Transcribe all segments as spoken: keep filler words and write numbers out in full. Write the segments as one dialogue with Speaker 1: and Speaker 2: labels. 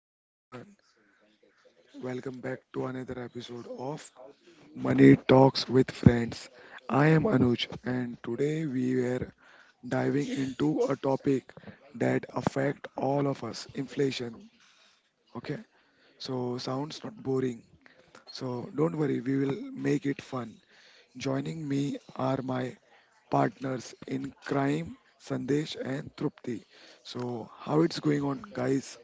Speaker 1: hi everyone, welcome back to another episode of Money Talks with Friends. I am Anuj, and today we were diving into a topic that affect all of us inflation. Okay, so sounds not boring, so don't worry, we will make it fun. Joining me are my partners in crime, Sandesh and Trupti. So, how it's going on, guys?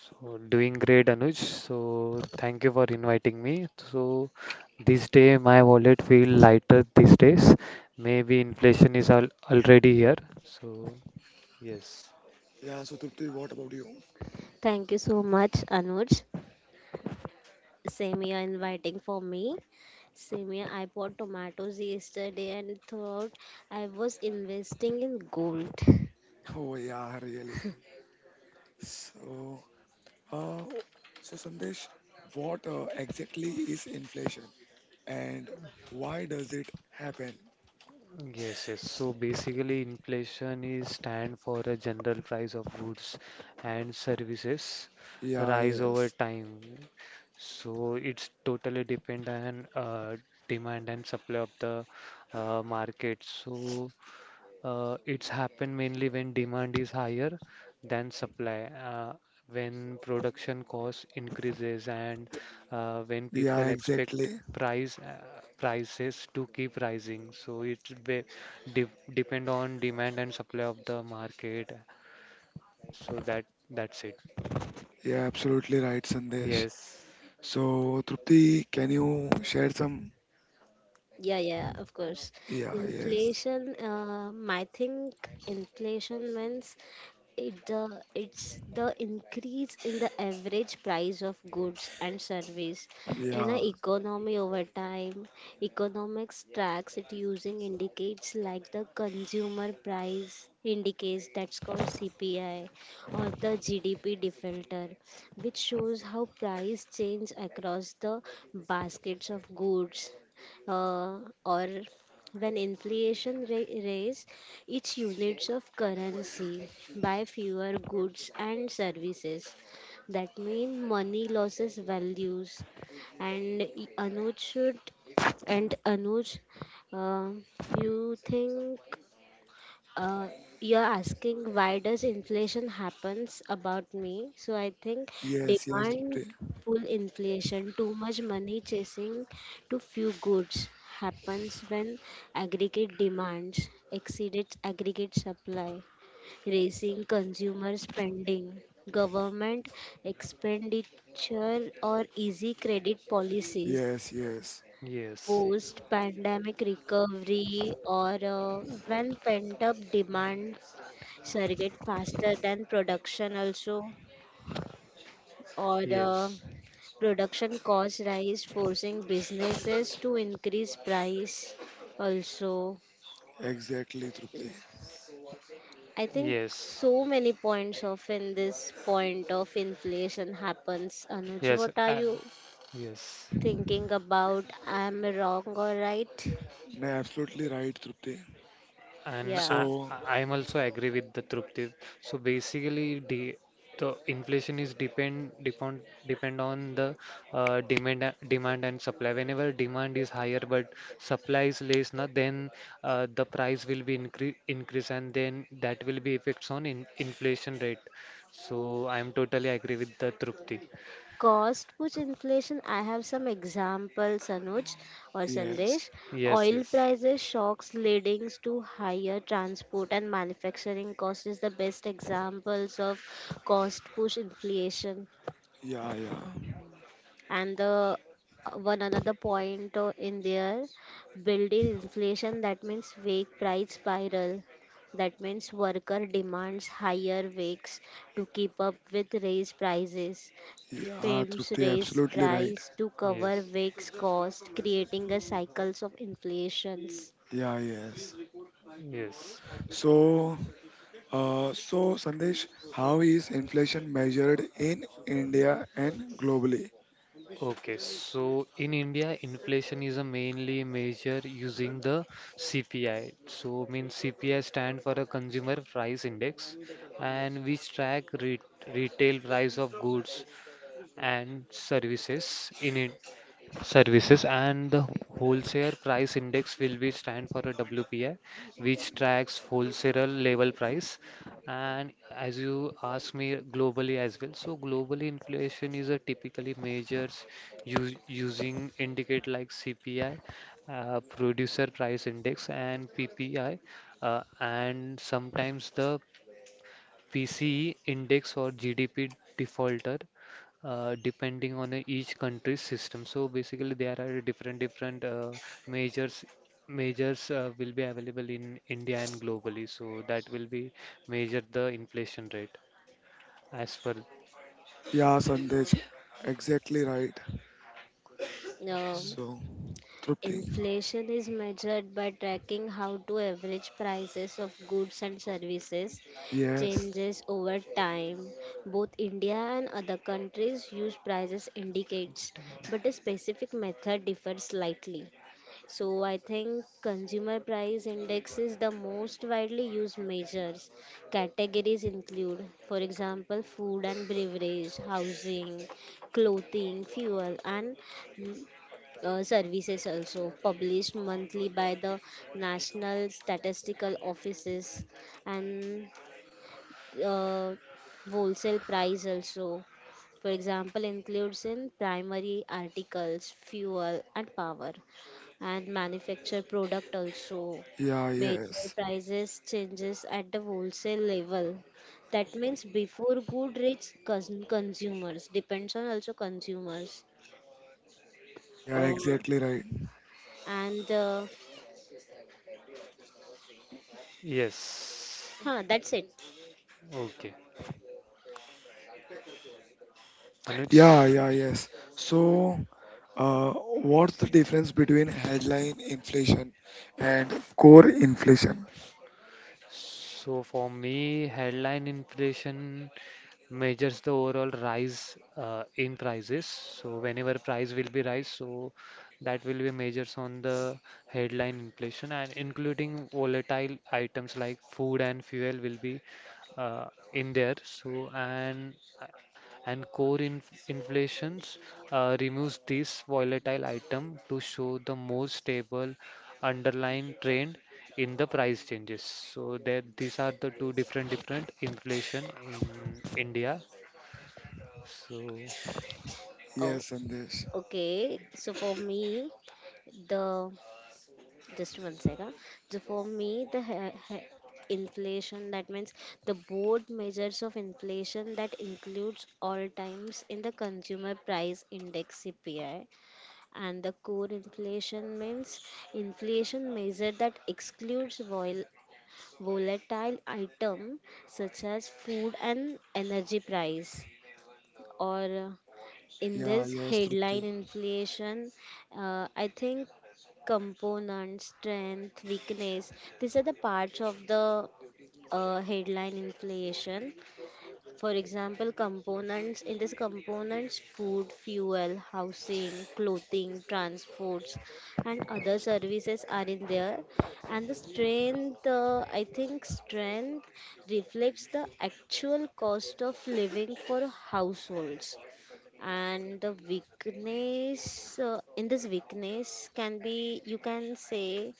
Speaker 2: So doing great, Anuj. So thank you for inviting me. So this day my wallet feel lighter these days. Maybe inflation is al already here. So yes.
Speaker 1: Yeah, so Trupti, what about you?
Speaker 3: Thank you so much, Anuj. Samia inviting for me. Samia, I bought tomatoes yesterday and thought I was investing in gold.
Speaker 1: Oh yeah, really. So, uh, so Sandesh, what uh, exactly is inflation and why does it happen?
Speaker 2: Yes, yes. So basically, inflation is stand for a general price of goods and services
Speaker 1: Yeah,
Speaker 2: rise over
Speaker 1: yes.
Speaker 2: time. So it's totally depend on uh, demand and supply of the uh, market. So Uh, it's happened mainly when demand is higher than supply, uh, when production cost increases, and uh, when
Speaker 1: Yeah,
Speaker 2: people expect
Speaker 1: exactly.
Speaker 2: price uh, prices to keep rising. So it be, de depend on demand and supply of the market. So that that's it.
Speaker 1: Yeah, absolutely right, Sandesh.
Speaker 2: Yes,
Speaker 1: So, Trupti, can you share some?
Speaker 3: Yeah, yeah, of course.
Speaker 1: Yeah, yes.
Speaker 3: Inflation, um, I think inflation means It the it's the increase in the average price of goods and service in an
Speaker 1: Yeah,
Speaker 3: economy over time. Economics tracks it using indicates like the consumer price indicates that's called C P I or the G D P deflator, which shows how price change across the baskets of goods uh, or when inflation ra- its units of currency buy fewer goods and services. That means money loses values. And Anuj should and Anuj, uh, you think uh, you're asking why does inflation happens about me? So I think
Speaker 1: yes, yes,
Speaker 3: demand
Speaker 1: Trupti.
Speaker 3: full inflation, too much money chasing to few goods happens when aggregate demands exceeds aggregate supply, raising consumer spending, government expenditure or easy credit policies
Speaker 1: Yes, yes.
Speaker 2: yes,
Speaker 3: post pandemic recovery or uh, when pent up demand surrogate faster than production also or uh,
Speaker 2: yes,
Speaker 3: production cost rise forcing businesses to increase price also.
Speaker 1: Exactly, Trupti.
Speaker 3: I think
Speaker 2: yes,
Speaker 3: so many points of in this point of inflation happens. Anuj,
Speaker 2: yes,
Speaker 3: what are
Speaker 2: uh,
Speaker 3: you
Speaker 2: yes.
Speaker 3: thinking about? I'm wrong or right?
Speaker 1: No, absolutely right, Trupti.
Speaker 2: And
Speaker 3: Yeah,
Speaker 2: I,
Speaker 1: So,
Speaker 2: I am also agree with the Trupti. So basically, the the inflation is depend depend depend on the uh, demand a- demand and supply. Whenever demand is higher but supply is less, na, then uh, the price will be increase increase, and then that will be effects on in inflation rate. So I am totally agree with the Trupti.
Speaker 3: cost push inflation, I have some examples, Anuj or
Speaker 1: yes.
Speaker 3: Sandesh.
Speaker 2: Yes,
Speaker 3: Oil
Speaker 2: yes,
Speaker 3: prices shocks leading to higher transport and manufacturing cost is the best examples of cost push inflation.
Speaker 1: Yeah, yeah.
Speaker 3: And the uh, one another point uh, in there, built-in inflation, that means wage price spiral, that means worker demands higher wages to keep up with raised prices.
Speaker 1: Yeah,
Speaker 3: Firms
Speaker 1: Trupti,
Speaker 3: raise
Speaker 1: absolutely right.
Speaker 3: price to cover
Speaker 2: yes,
Speaker 3: wage cost, creating a cycles of inflations.
Speaker 1: Yeah, yes.
Speaker 2: yes.
Speaker 1: So, uh, so Sandesh, how is inflation measured in India and globally?
Speaker 2: Okay, so in India, inflation is a mainly measure using the C P I. So, means C P I stand for a consumer price index, and which track re retail price of goods and services in it services and the wholesale price index will be stand for a W P I which tracks wholesale level price. And as you ask me globally as well, so globally inflation is a typically measures u- using indicate like C P I, uh, producer price index and P P I, uh, and sometimes the P C E index or G D P defaulter, uh, depending on a- each country's system. So basically, there are different different uh, measures measures uh, will be available in India and globally. So that will be measure the inflation rate as per
Speaker 1: Yeah, Sandesh, exactly right.
Speaker 3: Um,
Speaker 1: So, Trupti,
Speaker 3: Inflation is measured by tracking how to average prices of goods and services
Speaker 1: yes,
Speaker 3: changes over time. Both India and other countries use prices indicates, but the specific method differs slightly. So I think consumer price index is the most widely used measures. Categories include, for example, food and beverage, housing, clothing, fuel, and uh, services also published monthly by the national statistical offices and uh, wholesale price also, for example, includes in primary articles, fuel and power, and manufactured product also,
Speaker 1: yeah,
Speaker 3: major
Speaker 1: yes,
Speaker 3: prices changes at the wholesale level, that means before good reach cons- consumers depends on also consumers.
Speaker 1: yeah,
Speaker 3: uh,
Speaker 1: exactly right.
Speaker 3: and uh,
Speaker 2: yes.
Speaker 3: Huh, that's it.
Speaker 2: Okay, Anuj.
Speaker 1: Yeah, yeah, yes. So, uh, what's the difference between headline inflation and core inflation?
Speaker 2: So for me, headline inflation measures the overall rise uh, in prices. So whenever price will be rise, so that will be measures on the headline inflation and including volatile items like food and fuel will be uh, in there. So and and core inf inflations uh, removes this volatile item to show the more stable underlying trend in the price changes. So there, these are the two different different inflation in India. So
Speaker 3: Oh,
Speaker 1: Yes, Sandesh.
Speaker 3: okay. So for me, the just one second. So for me, the he- he- inflation that means the board measures of inflation that includes all times in the consumer price index C P I, and the core inflation means inflation measure that excludes vol- volatile item such as food and energy price, or in
Speaker 1: Yeah,
Speaker 3: this
Speaker 1: yes, Trupti.
Speaker 3: headline inflation, uh, I think component strength weakness, these are the parts of the uh, headline inflation. For example, components in this components, food, fuel, housing, clothing, transports, and other services are in there. And the strength, uh, I think, strength reflects the actual cost of living for households, and the weakness, uh, in this weakness, can be, you can say,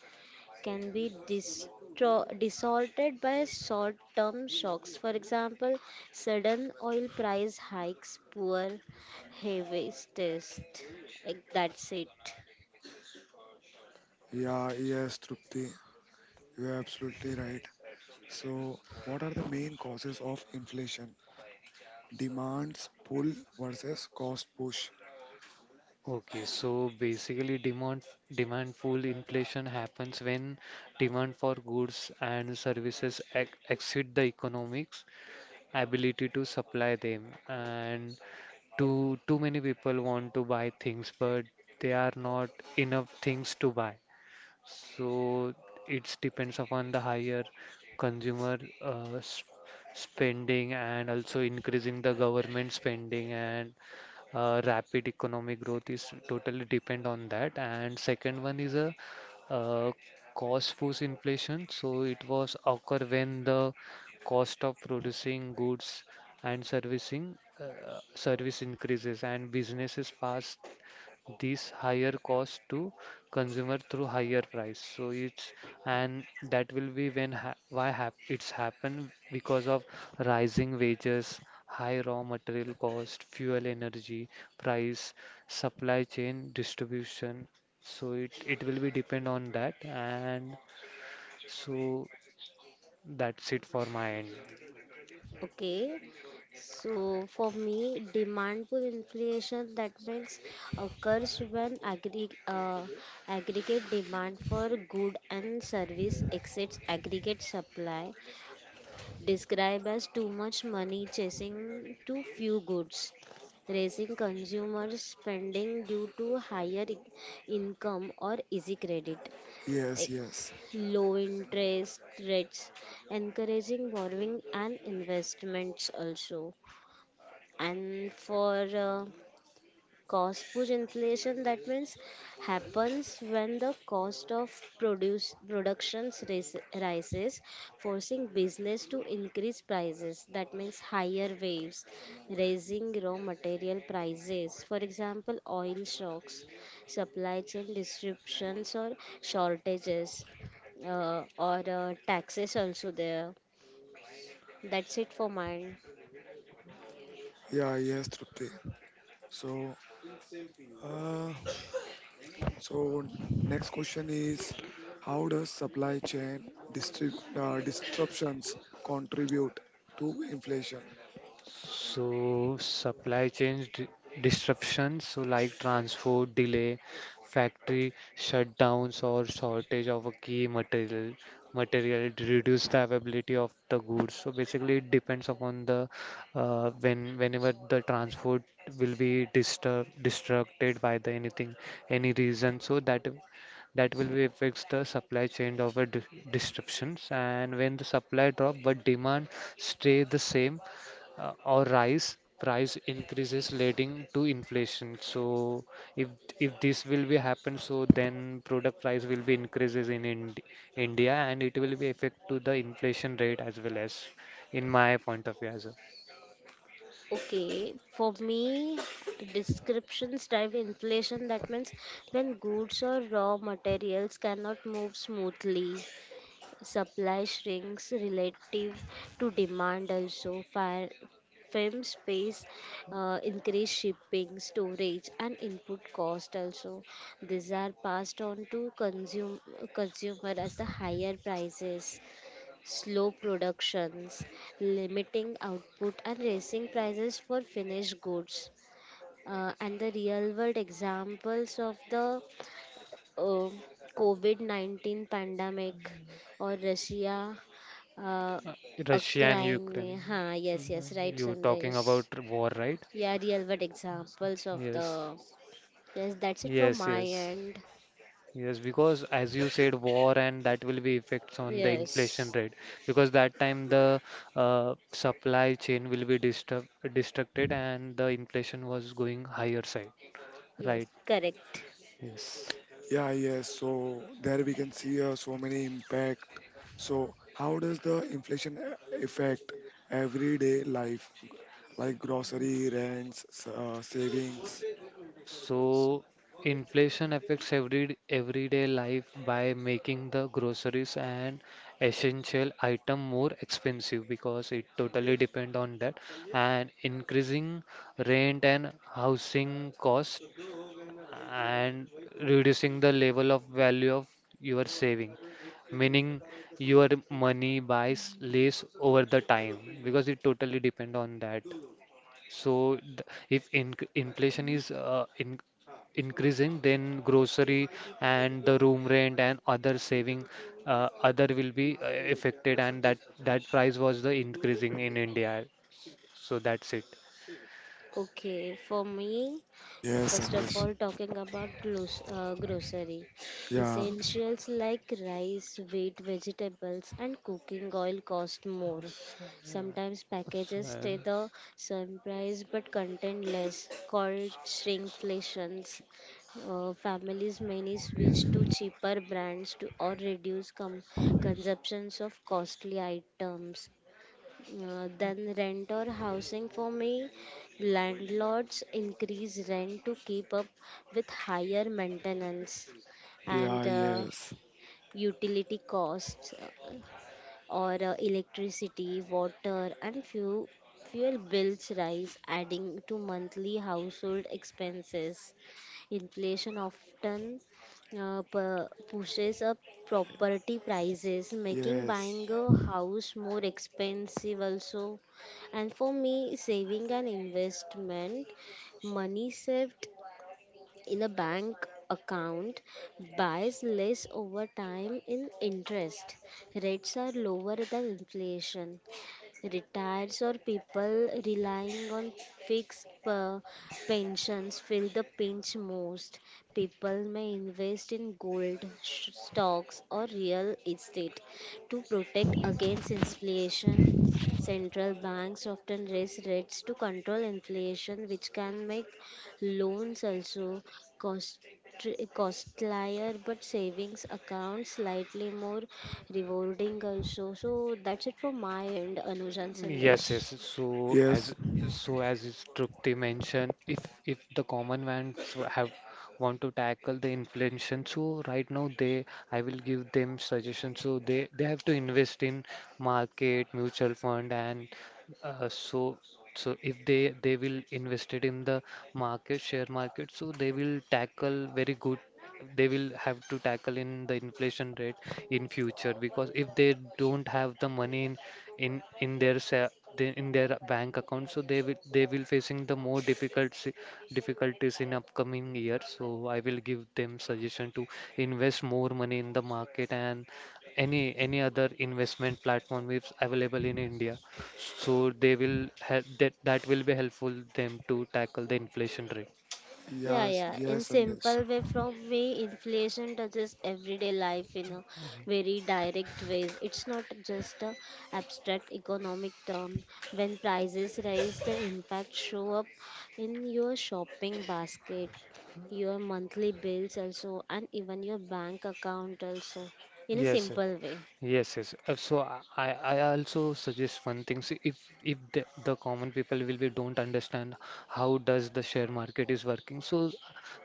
Speaker 3: can be distro- distorted by short term shocks. For example, sudden oil price hikes, poor harvest. That's it.
Speaker 1: Yeah, yes, Trupti. You're absolutely right. So, what are the main causes of inflation? Demands pull versus cost push.
Speaker 2: okay, so basically demand demand full inflation happens when demand for goods and services ex exceed the economics ability to supply them, and too too many people want to buy things, but there are not enough things to buy. So it depends upon the higher consumer uh, s- spending and also increasing the government spending and uh, rapid economic growth is totally depend on that. And second one is a uh, cost push inflation. So it was occur when the cost of producing goods and servicing uh, service increases and businesses pass these higher costs to consumer through higher price. So it's and that will be when ha why hap it's happened because of rising wages, high raw material cost, fuel energy price, supply chain distribution. So it it will be depend on that. And so that's it for my end.
Speaker 3: Okay, So for me, demand pull inflation that means occurs when aggregate uh, aggregate demand for good and service exceeds aggregate supply, described as too much money chasing too few goods, raising consumer spending due to higher i- income or easy credit,
Speaker 1: Yes,
Speaker 3: e-
Speaker 1: yes.
Speaker 3: low interest rates, encouraging borrowing and investments also. And for uh, cost push inflation, that means happens when the cost of produce productions ris- rises, forcing business to increase prices, that means higher waves, raising raw material prices, for example, oil shocks, supply chain disruptions or shortages, uh, or uh, taxes also there. That's it for mine.
Speaker 1: Yeah, yes, Trupti. So, uh, so next question is how does supply chain distri- uh, disruptions contribute to inflation?
Speaker 2: So supply chains di- disruptions, so like transport delay, factory shutdowns or shortage of a key material, material to reduce the availability of the goods. So basically, it depends upon the uh, when whenever the transport will be disturb disrupted by the anything any reason. So that that will be affects the supply chain of a dis- disruptions and when the supply drop but demand stay the same uh, or rise, price increases leading to inflation. So if if this will be happen, so then product price will be increases in Ind India and it will be affect to the inflation rate as well as in my point of view as well.
Speaker 3: Okay, for me, descriptions drive inflation. That means when goods or raw materials cannot move smoothly, supply shrinks relative to demand. Also, Fir- firms space uh, increase shipping, storage, and input cost. Also, these are passed on to consume consumer as the higher prices, slow productions, limiting output, and raising prices for finished goods. Uh, and the real world examples of the uh, COVID nineteen pandemic or Russia, uh,
Speaker 2: Uh, Russia and
Speaker 3: Ukraine.
Speaker 2: Ukraine.
Speaker 3: Huh,
Speaker 2: You
Speaker 3: yes, yes, right,
Speaker 2: you talking
Speaker 3: Sandesh.
Speaker 2: about war, right?
Speaker 3: Yeah, real world examples of the.
Speaker 2: Yes.
Speaker 3: Yes, that's it from
Speaker 2: Yes,
Speaker 3: my
Speaker 2: yes.
Speaker 3: end.
Speaker 2: Yes, because as you said, war and that will be effects on the inflation
Speaker 3: Yes,
Speaker 2: rate because that time the uh, supply chain will be disturb distracted and the inflation was going higher side.
Speaker 3: yes,
Speaker 2: Right.
Speaker 3: correct.
Speaker 2: Yes.
Speaker 1: Yeah, yes. So there we can see uh, so many impact. So how does the inflation a- affect everyday life? Like grocery, rents, s- uh, savings.
Speaker 2: So inflation affects every everyday life by making the groceries and essential item more expensive because it totally depend on that and increasing rent and housing cost and reducing the level of value of your saving, meaning your money buys less over the time because it totally depend on that. So th- if in inflation is uh, in increasing, then grocery and the room rent and other saving uh, other will be uh, affected and that that price was the increasing in India. So that's it.
Speaker 3: Okay, for me,
Speaker 1: Yes,
Speaker 3: first of
Speaker 1: Amrish.
Speaker 3: all, talking about glos- uh, grocery
Speaker 1: Yeah,
Speaker 3: essentials like rice, wheat, vegetables, and cooking oil cost more. Sometimes packages
Speaker 2: So,
Speaker 3: stay the same price but contain less, called shrinkflations. Uh, families many switch to cheaper brands to or reduce com- consumptions of costly items. Uh, then rent or housing for me, landlords increase rent to keep up with higher maintenance
Speaker 1: yeah,
Speaker 3: and uh,
Speaker 1: yes,
Speaker 3: utility costs, or uh, electricity, water, and fuel fuel bills rise, adding to monthly household expenses. Inflation often uh, pu- pushes up property prices, making
Speaker 1: yes,
Speaker 3: buying a house more expensive also. And for me, saving and investment, money saved in a bank account buys less over time in interest. Rates are lower than inflation. Retirees or people relying on fixed uh, pensions feel the pinch most. People may invest in gold, sh- stocks, or real estate to protect against inflation. Central banks often raise rates to control inflation, which can make loans also cost costlier but savings account slightly more rewarding also. So that's it from my end, Anuj and
Speaker 2: Yes,
Speaker 3: Sandesh.
Speaker 2: yes. So
Speaker 1: yes,
Speaker 2: as so as is Trupti mentioned, if if the common ones have want to tackle the inflation, so right now they I will give them suggestions. So they they have to invest in market, mutual fund, and uh, so so if they they will invest it in the market, share market, so they will tackle very good they will have to tackle in the inflation rate in future because if they don't have the money in in in their sa- the- in their bank account, so they will they will facing the more difficult si- difficulties in upcoming year. So I will give them suggestion to invest more money in the market and any any other investment platform which is available in India. So they will help that that will be helpful them to tackle the inflation rate.
Speaker 3: Yeah,
Speaker 1: yes,
Speaker 3: yeah. In
Speaker 1: yes, Sandesh.
Speaker 3: simple way from me, inflation touches everyday life in a very direct ways. It's not just a abstract economic term. When prices rise, the impact show up in your shopping basket, your monthly bills also, and even your bank account also. In a
Speaker 2: Yes, sir.
Speaker 3: simple way.
Speaker 2: Yes, yes. Uh, So I, I I also suggest one thing. See, if if the, the common people will be don't understand how does the share market is working, so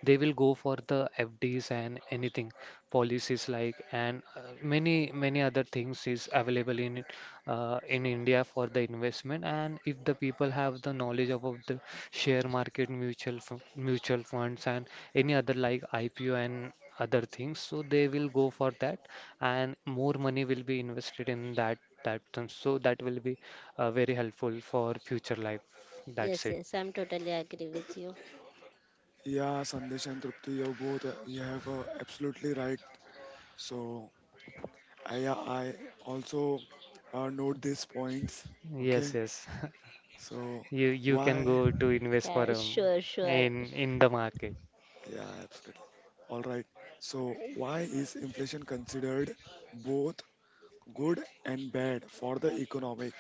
Speaker 2: they will go for the F Ds and anything policies like and uh, many many other things is available in it, uh, in India for the investment. And if the people have the knowledge about the share market, mutual fu- mutual funds and any other like I P O and other things, so they will go for that and more money will be invested in that that term. So that will be uh, very helpful for future life. That's
Speaker 3: Yes,
Speaker 2: it.
Speaker 3: yes, I'm totally agree with you.
Speaker 1: Yeah, Sandesh and Trupti, you both, uh, you have uh, absolutely right. So I, I also uh, note these points. Okay.
Speaker 2: Yes, yes.
Speaker 1: So
Speaker 2: You you can
Speaker 1: why?
Speaker 2: go to invest for
Speaker 3: Yeah,
Speaker 2: um,
Speaker 3: sure, sure.
Speaker 2: in in the market.
Speaker 1: Yeah, absolutely. All right. So why is inflation considered both good and bad for the economic?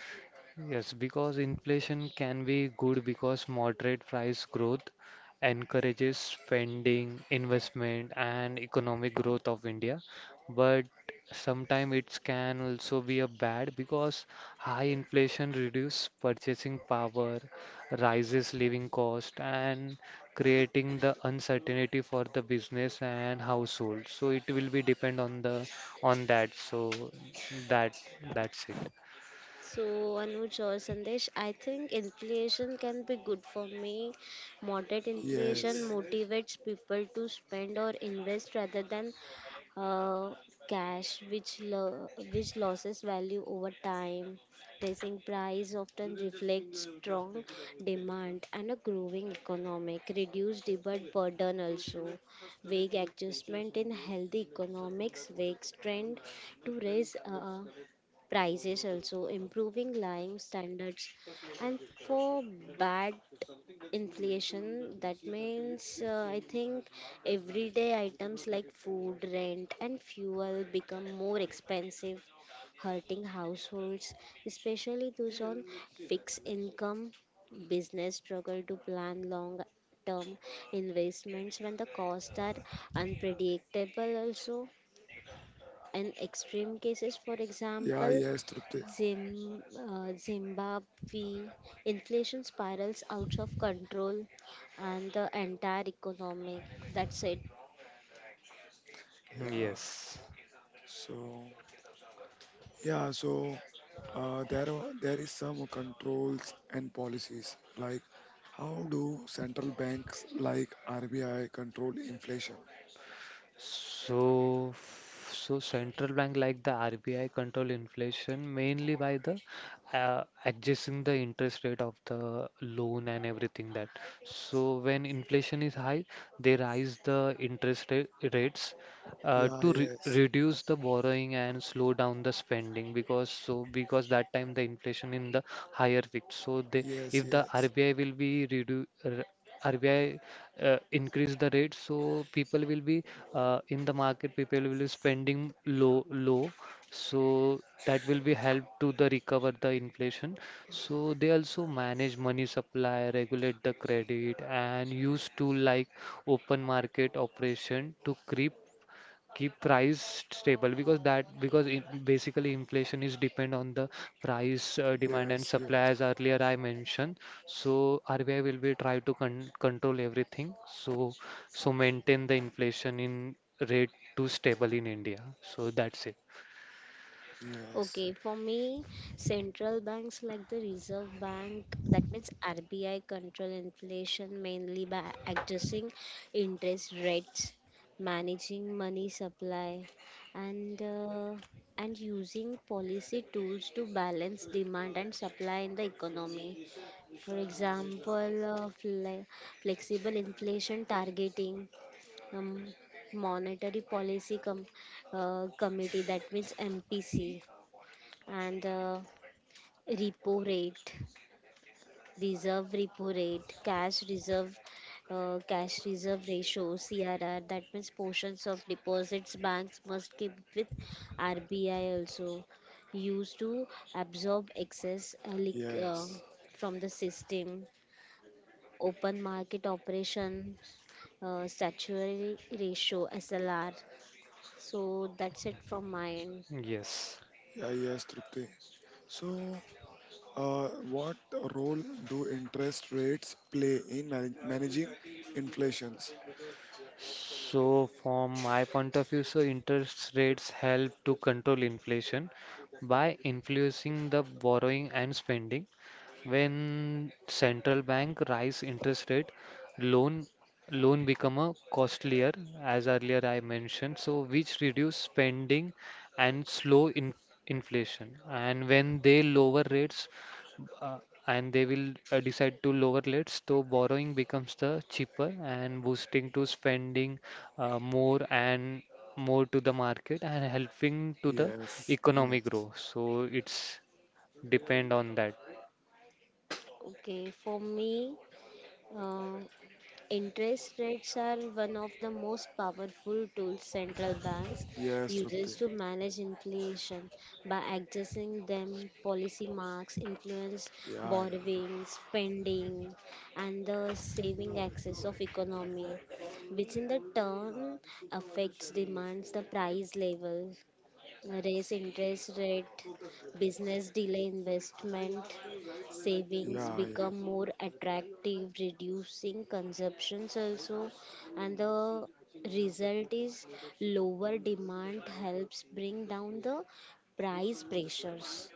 Speaker 2: Yes, because inflation can be good because moderate price growth encourages spending, investment, and economic growth of India. But sometimes it can also be a bad because high inflation reduces purchasing power, rises living cost, and creating the uncertainty for the business and household. So it will be depend on the on that. So that that's it.
Speaker 3: So, Anuj or Sandesh, I think inflation can be good for me. Moderate inflation
Speaker 1: Yes.
Speaker 3: motivates people to spend or invest rather than uh, cash, which lo- which loses value over time. Raising price often reflects strong demand and a growing economic. Reduced debt burden also. Vague adjustment in healthy economics, vague trend to raise. Uh, prices also improving living standards. And for bad inflation, that means, uh, I think, everyday items like food, rent and fuel become more expensive, hurting households, especially those on fixed income. Business struggle to plan long term investments when the costs are unpredictable also. In extreme cases, for
Speaker 1: Yeah,
Speaker 3: example,
Speaker 1: yes, Trupti.
Speaker 3: Zim, uh, Zimbabwe, inflation spirals out of control and the entire economic. That's it.
Speaker 1: Yeah.
Speaker 2: Yes.
Speaker 1: So, yeah, so uh, there are there is some controls and policies like how do central banks like R B I control inflation?
Speaker 2: So, f- so central bank like the R B I control inflation mainly by the uh, adjusting the interest rate of the loan and everything that. So when inflation is high, they raise the interest rate, rates uh,
Speaker 1: Yeah,
Speaker 2: to re
Speaker 1: yes.
Speaker 2: reduce the borrowing and slow down the spending because so because that time the inflation in the higher peak. So they
Speaker 1: Yes,
Speaker 2: if the
Speaker 1: yes.
Speaker 2: R B I will be redu r- RBI uh, increase the rate, so people will be uh, in the market people will be spending low low. So that will be help to the recover the inflation. So they also manage money supply, regulate the credit and use tool like open market operation to creep keep price stable because that because in, basically inflation is depend on the price uh, demand and
Speaker 1: Yes,
Speaker 2: supply as
Speaker 1: yes.
Speaker 2: earlier I mentioned. So R B I will be try to con control everything, so so maintain the inflation in rate to stable in India. So that's it.
Speaker 1: Yes.
Speaker 3: Okay, for me, central banks like the Reserve Bank, that means R B I, control inflation mainly by adjusting interest rates, managing money supply, and uh, and using policy tools to balance demand and supply in the economy. For example, uh, fle- flexible inflation targeting. Um, Monetary policy com- uh, committee, that means mpc, and uh, repo rate, reserve repo rate, cash reserve, uh, cash reserve ratio (C R R). That means portions of deposits banks must keep with R B I, also used to absorb excess uh, liq- uh,
Speaker 1: Yes.
Speaker 3: from the system. Open market operation, uh, statutory ratio (S L R). So that's it from my end.
Speaker 2: Yes.
Speaker 1: Yeah, yes, Trupti. So, uh, what role do interest rates play in man- managing inflations?
Speaker 2: So, from my point of view, so interest rates help to control inflation by influencing the borrowing and spending. When central bank rise interest rate, loan loan become a costlier, as earlier I mentioned, so which reduce spending and slow in inflation. And when they lower rates, uh, and they will uh, decide to lower rates, so borrowing becomes the cheaper and boosting to spending uh, more and more to the market and helping to the
Speaker 1: Yes,
Speaker 2: economic
Speaker 1: yes.
Speaker 2: growth. So it's depend on that.
Speaker 3: Okay, for me. Uh, Interest rates are one of the most powerful tools central banks
Speaker 1: Yes,
Speaker 3: uses
Speaker 1: Trupti.
Speaker 3: to manage inflation by accessing them policy marks influence
Speaker 1: Yeah, yeah.
Speaker 3: borrowing spending and the saving access of economy, which in the turn affects demands the price level. Raise interest rate, business delay investment, savings
Speaker 1: Yeah, yeah.
Speaker 3: become more attractive, reducing consumptions also, and the result is lower demand helps bring down the price pressures.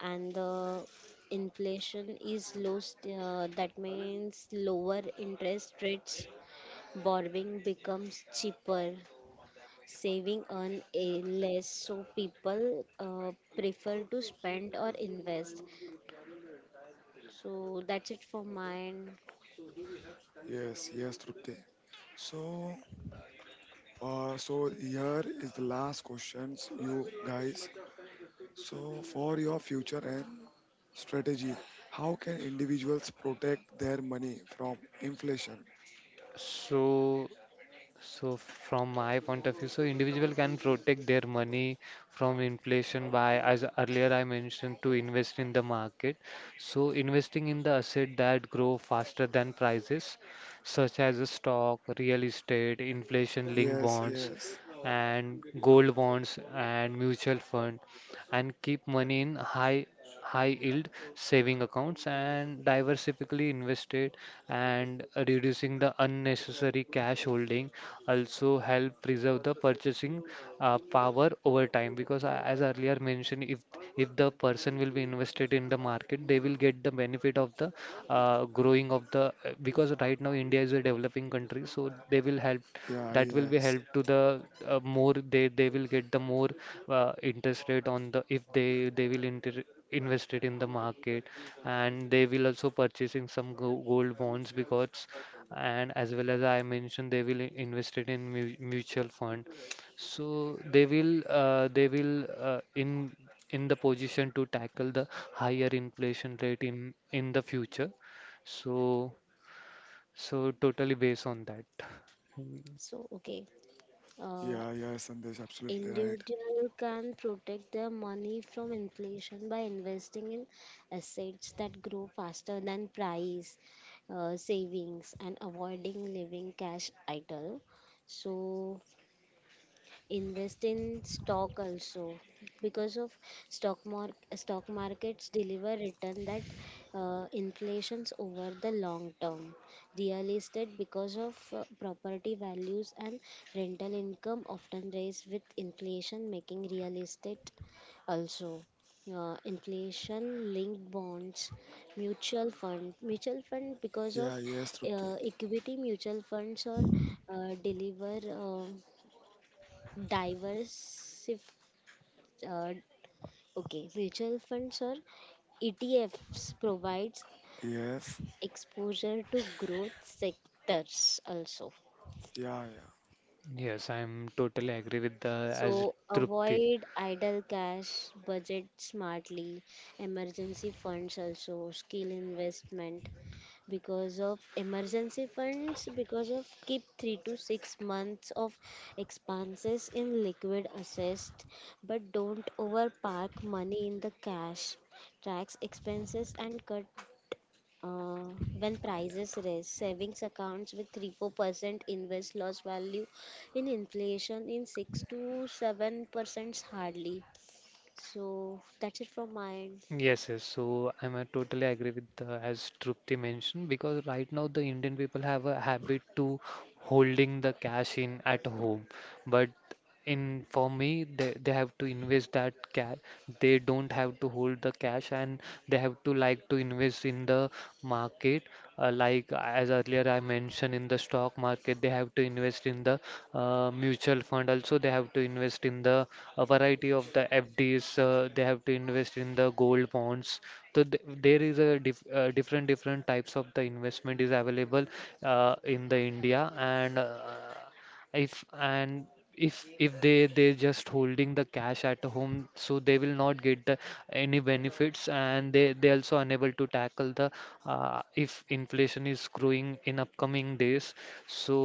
Speaker 3: And the inflation is low st- uh, that means lower interest rates, borrowing becomes cheaper, saving on a less, so people uh, prefer to spend or invest. So that's it for mine.
Speaker 1: Yes, yes, Trupti. So, uh, so here is the last questions, you guys. So, for your future and strategy, how can individuals protect their money from inflation?
Speaker 2: So So from my point of view, so individual can protect their money from inflation by, as earlier I mentioned, to invest in the market. So investing in the asset that grow faster than prices, such as a stock, real estate, inflation-linked
Speaker 1: Yes,
Speaker 2: bonds,
Speaker 1: yes.
Speaker 2: and gold bonds and mutual fund, and keep money in high high yield saving accounts and diversifically invested and reducing the unnecessary cash holding also help preserve the purchasing uh, power over time because I- as earlier mentioned, if if the person will be invested in the market they will get the benefit of the uh, growing of the uh, because right now India is a developing country, so they will help
Speaker 1: Yeah,
Speaker 2: that will be
Speaker 1: yes.
Speaker 2: help to the uh, more they they will get the more uh, interest rate on the if they they will inter invest it in the market and they will also purchasing some go gold bonds because and as well as I mentioned they will i- invest it in mu mutual fund. So they will uh, they will uh, in in the position to tackle the higher inflation rate in in the future. So so totally based on that.
Speaker 3: So okay, uh,
Speaker 1: Yeah, yes, Sandesh, absolutely right.
Speaker 3: individual can protect their money from inflation by investing in assets that grow faster than price, uh, savings, and avoiding living cash idle. So invest in stock also, because of stock market, stock markets deliver return that uh, inflations over the long term. Real estate, because of uh, property values and rental income often rise with inflation making real estate also. Uh, inflation linked bonds, mutual fund mutual fund because
Speaker 1: Yeah,
Speaker 3: of
Speaker 1: yes, Trupti.
Speaker 3: uh, equity mutual funds or uh, deliver uh, Diversif uh, okay, mutual funds or E T Fs provides
Speaker 1: Yes.
Speaker 3: exposure to growth sectors also.
Speaker 1: Yeah, yeah.
Speaker 2: Yes, I'm totally agree with the as
Speaker 3: So
Speaker 2: Trupti.
Speaker 3: avoid idle cash, budget smartly, emergency funds also, skill investment, because of emergency funds, because of keep three to six months of expenses in liquid assets, but don't overpark money in the cash, tax expenses and cut uh, When prices rise, savings accounts with three four percent invest loss value in inflation in six to seven percent hardly. So that's it from my end.
Speaker 2: Yes, yes. So I'm uh, totally agree with the as Trupti mentioned because right now the Indian people have a habit to holding the cash in at home, but in for me they, they have to invest that cash. They don't have to hold the cash and they have to like to invest in the market, uh, like as earlier I mentioned in the stock market. They have to invest in the uh, mutual fund also. They have to invest in the a variety of the FDs, uh, they have to invest in the gold bonds. So th- there is a dif- uh, different different types of the investment is available uh, in the India. And uh, if and if if they they're just holding the cash at home, so they will not get the any benefits and they they also unable to tackle the uh, if inflation is growing in upcoming days. So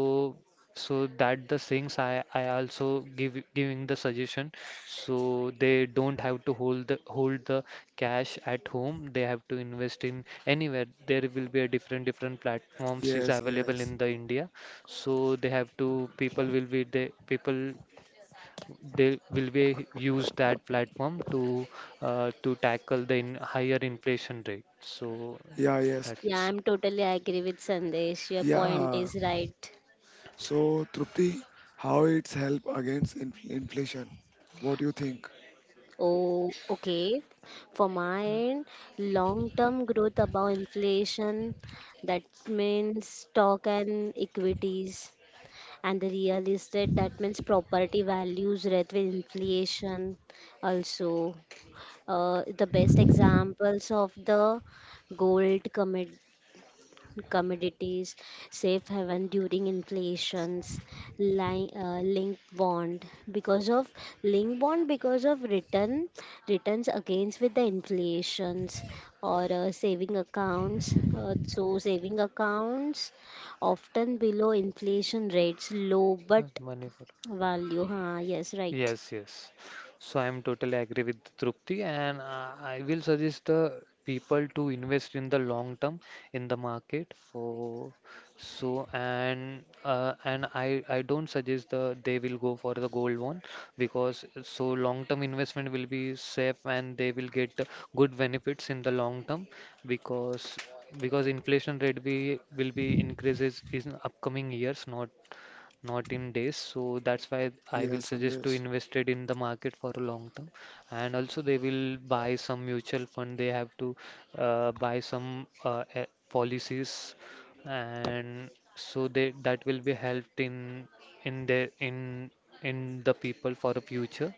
Speaker 2: so that the things I I also give giving the suggestion. So they don't have to hold the hold the cash at home. They have to invest in anywhere. There will be a different different platforms is
Speaker 1: Yes,
Speaker 2: available
Speaker 1: yes.
Speaker 2: in the India. So they have to people will be they people they will be use that platform to uh, to tackle the in higher inflation rate. So
Speaker 1: Yeah, yes.
Speaker 2: that's
Speaker 3: Yeah,
Speaker 1: S-
Speaker 3: I'm totally agree with Sandesh. Your point
Speaker 1: Yeah,
Speaker 3: is right.
Speaker 1: so, Trupti, how it's help against inf- inflation? What do you think?
Speaker 3: Oh, okay. For my end, long-term growth above inflation, that means stock and equities. And the real estate, that means property values rate with inflation also. Uh, the best examples of the gold commit commodities, safe haven during inflations, li- uh, link bond, because of link bond because of return returns against with the inflations, or uh, saving accounts. Uh, so saving accounts often below inflation rates, low
Speaker 2: that's
Speaker 3: but
Speaker 2: money for.
Speaker 3: value. Huh? Yes, right.
Speaker 2: Yes, yes. So I am totally agree with Trupti, and uh, I will suggest the people to invest in the long term in the market for so and uh, and I I don't suggest the they will go for the gold one because so long term investment will be safe and they will get the good benefits in the long term because because inflation rate be will be increases in upcoming years, not not in days. So that's why I will
Speaker 1: Yes,
Speaker 2: suggest to
Speaker 1: Sandesh.
Speaker 2: invest it in the market for a long term. And also they will buy some mutual fund. They have to uh, buy some uh, eh, policies, and so they that will be helped in in their in in the people for the future.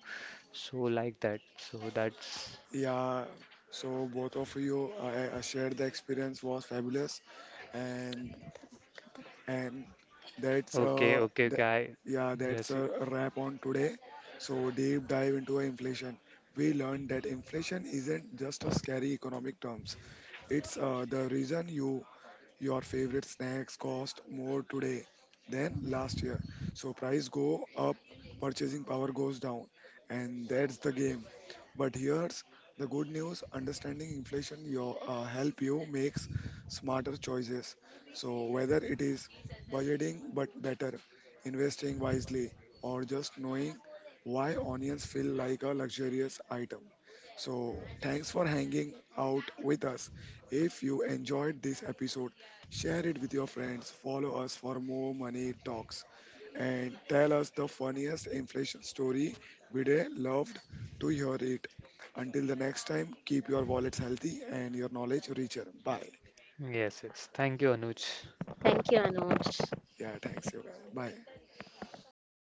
Speaker 2: So like that. So that's
Speaker 1: Yeah. So both of you I, I shared the experience was fabulous, and and that's
Speaker 2: okay.
Speaker 1: uh
Speaker 2: Okay.
Speaker 1: that,
Speaker 2: Okay. I,
Speaker 1: yeah that's
Speaker 2: yes. y-
Speaker 1: a wrap on today. So deep dive into inflation. We learned that inflation isn't just a scary economic terms. It's uh, the reason you your favorite snacks cost more today than last year. So price go up, purchasing power goes down. And that's the game. But here's the good news, understanding inflation your uh, help you makes smarter choices. So whether it is budgeting but better, investing wisely, or just knowing why onions feel like a luxurious item. So, thanks for hanging out with us. If you enjoyed this episode, share it with your friends, follow us for more money talks, and tell us the funniest inflation story. We'd uh, love to hear it. Until the next time, keep your wallets healthy and your knowledge richer. Bye.
Speaker 2: Yes. Yes. Thank you, Anuj.
Speaker 3: Thank you, Anuj.
Speaker 1: Yeah, thanks, you guys. Bye.
Speaker 3: Bye.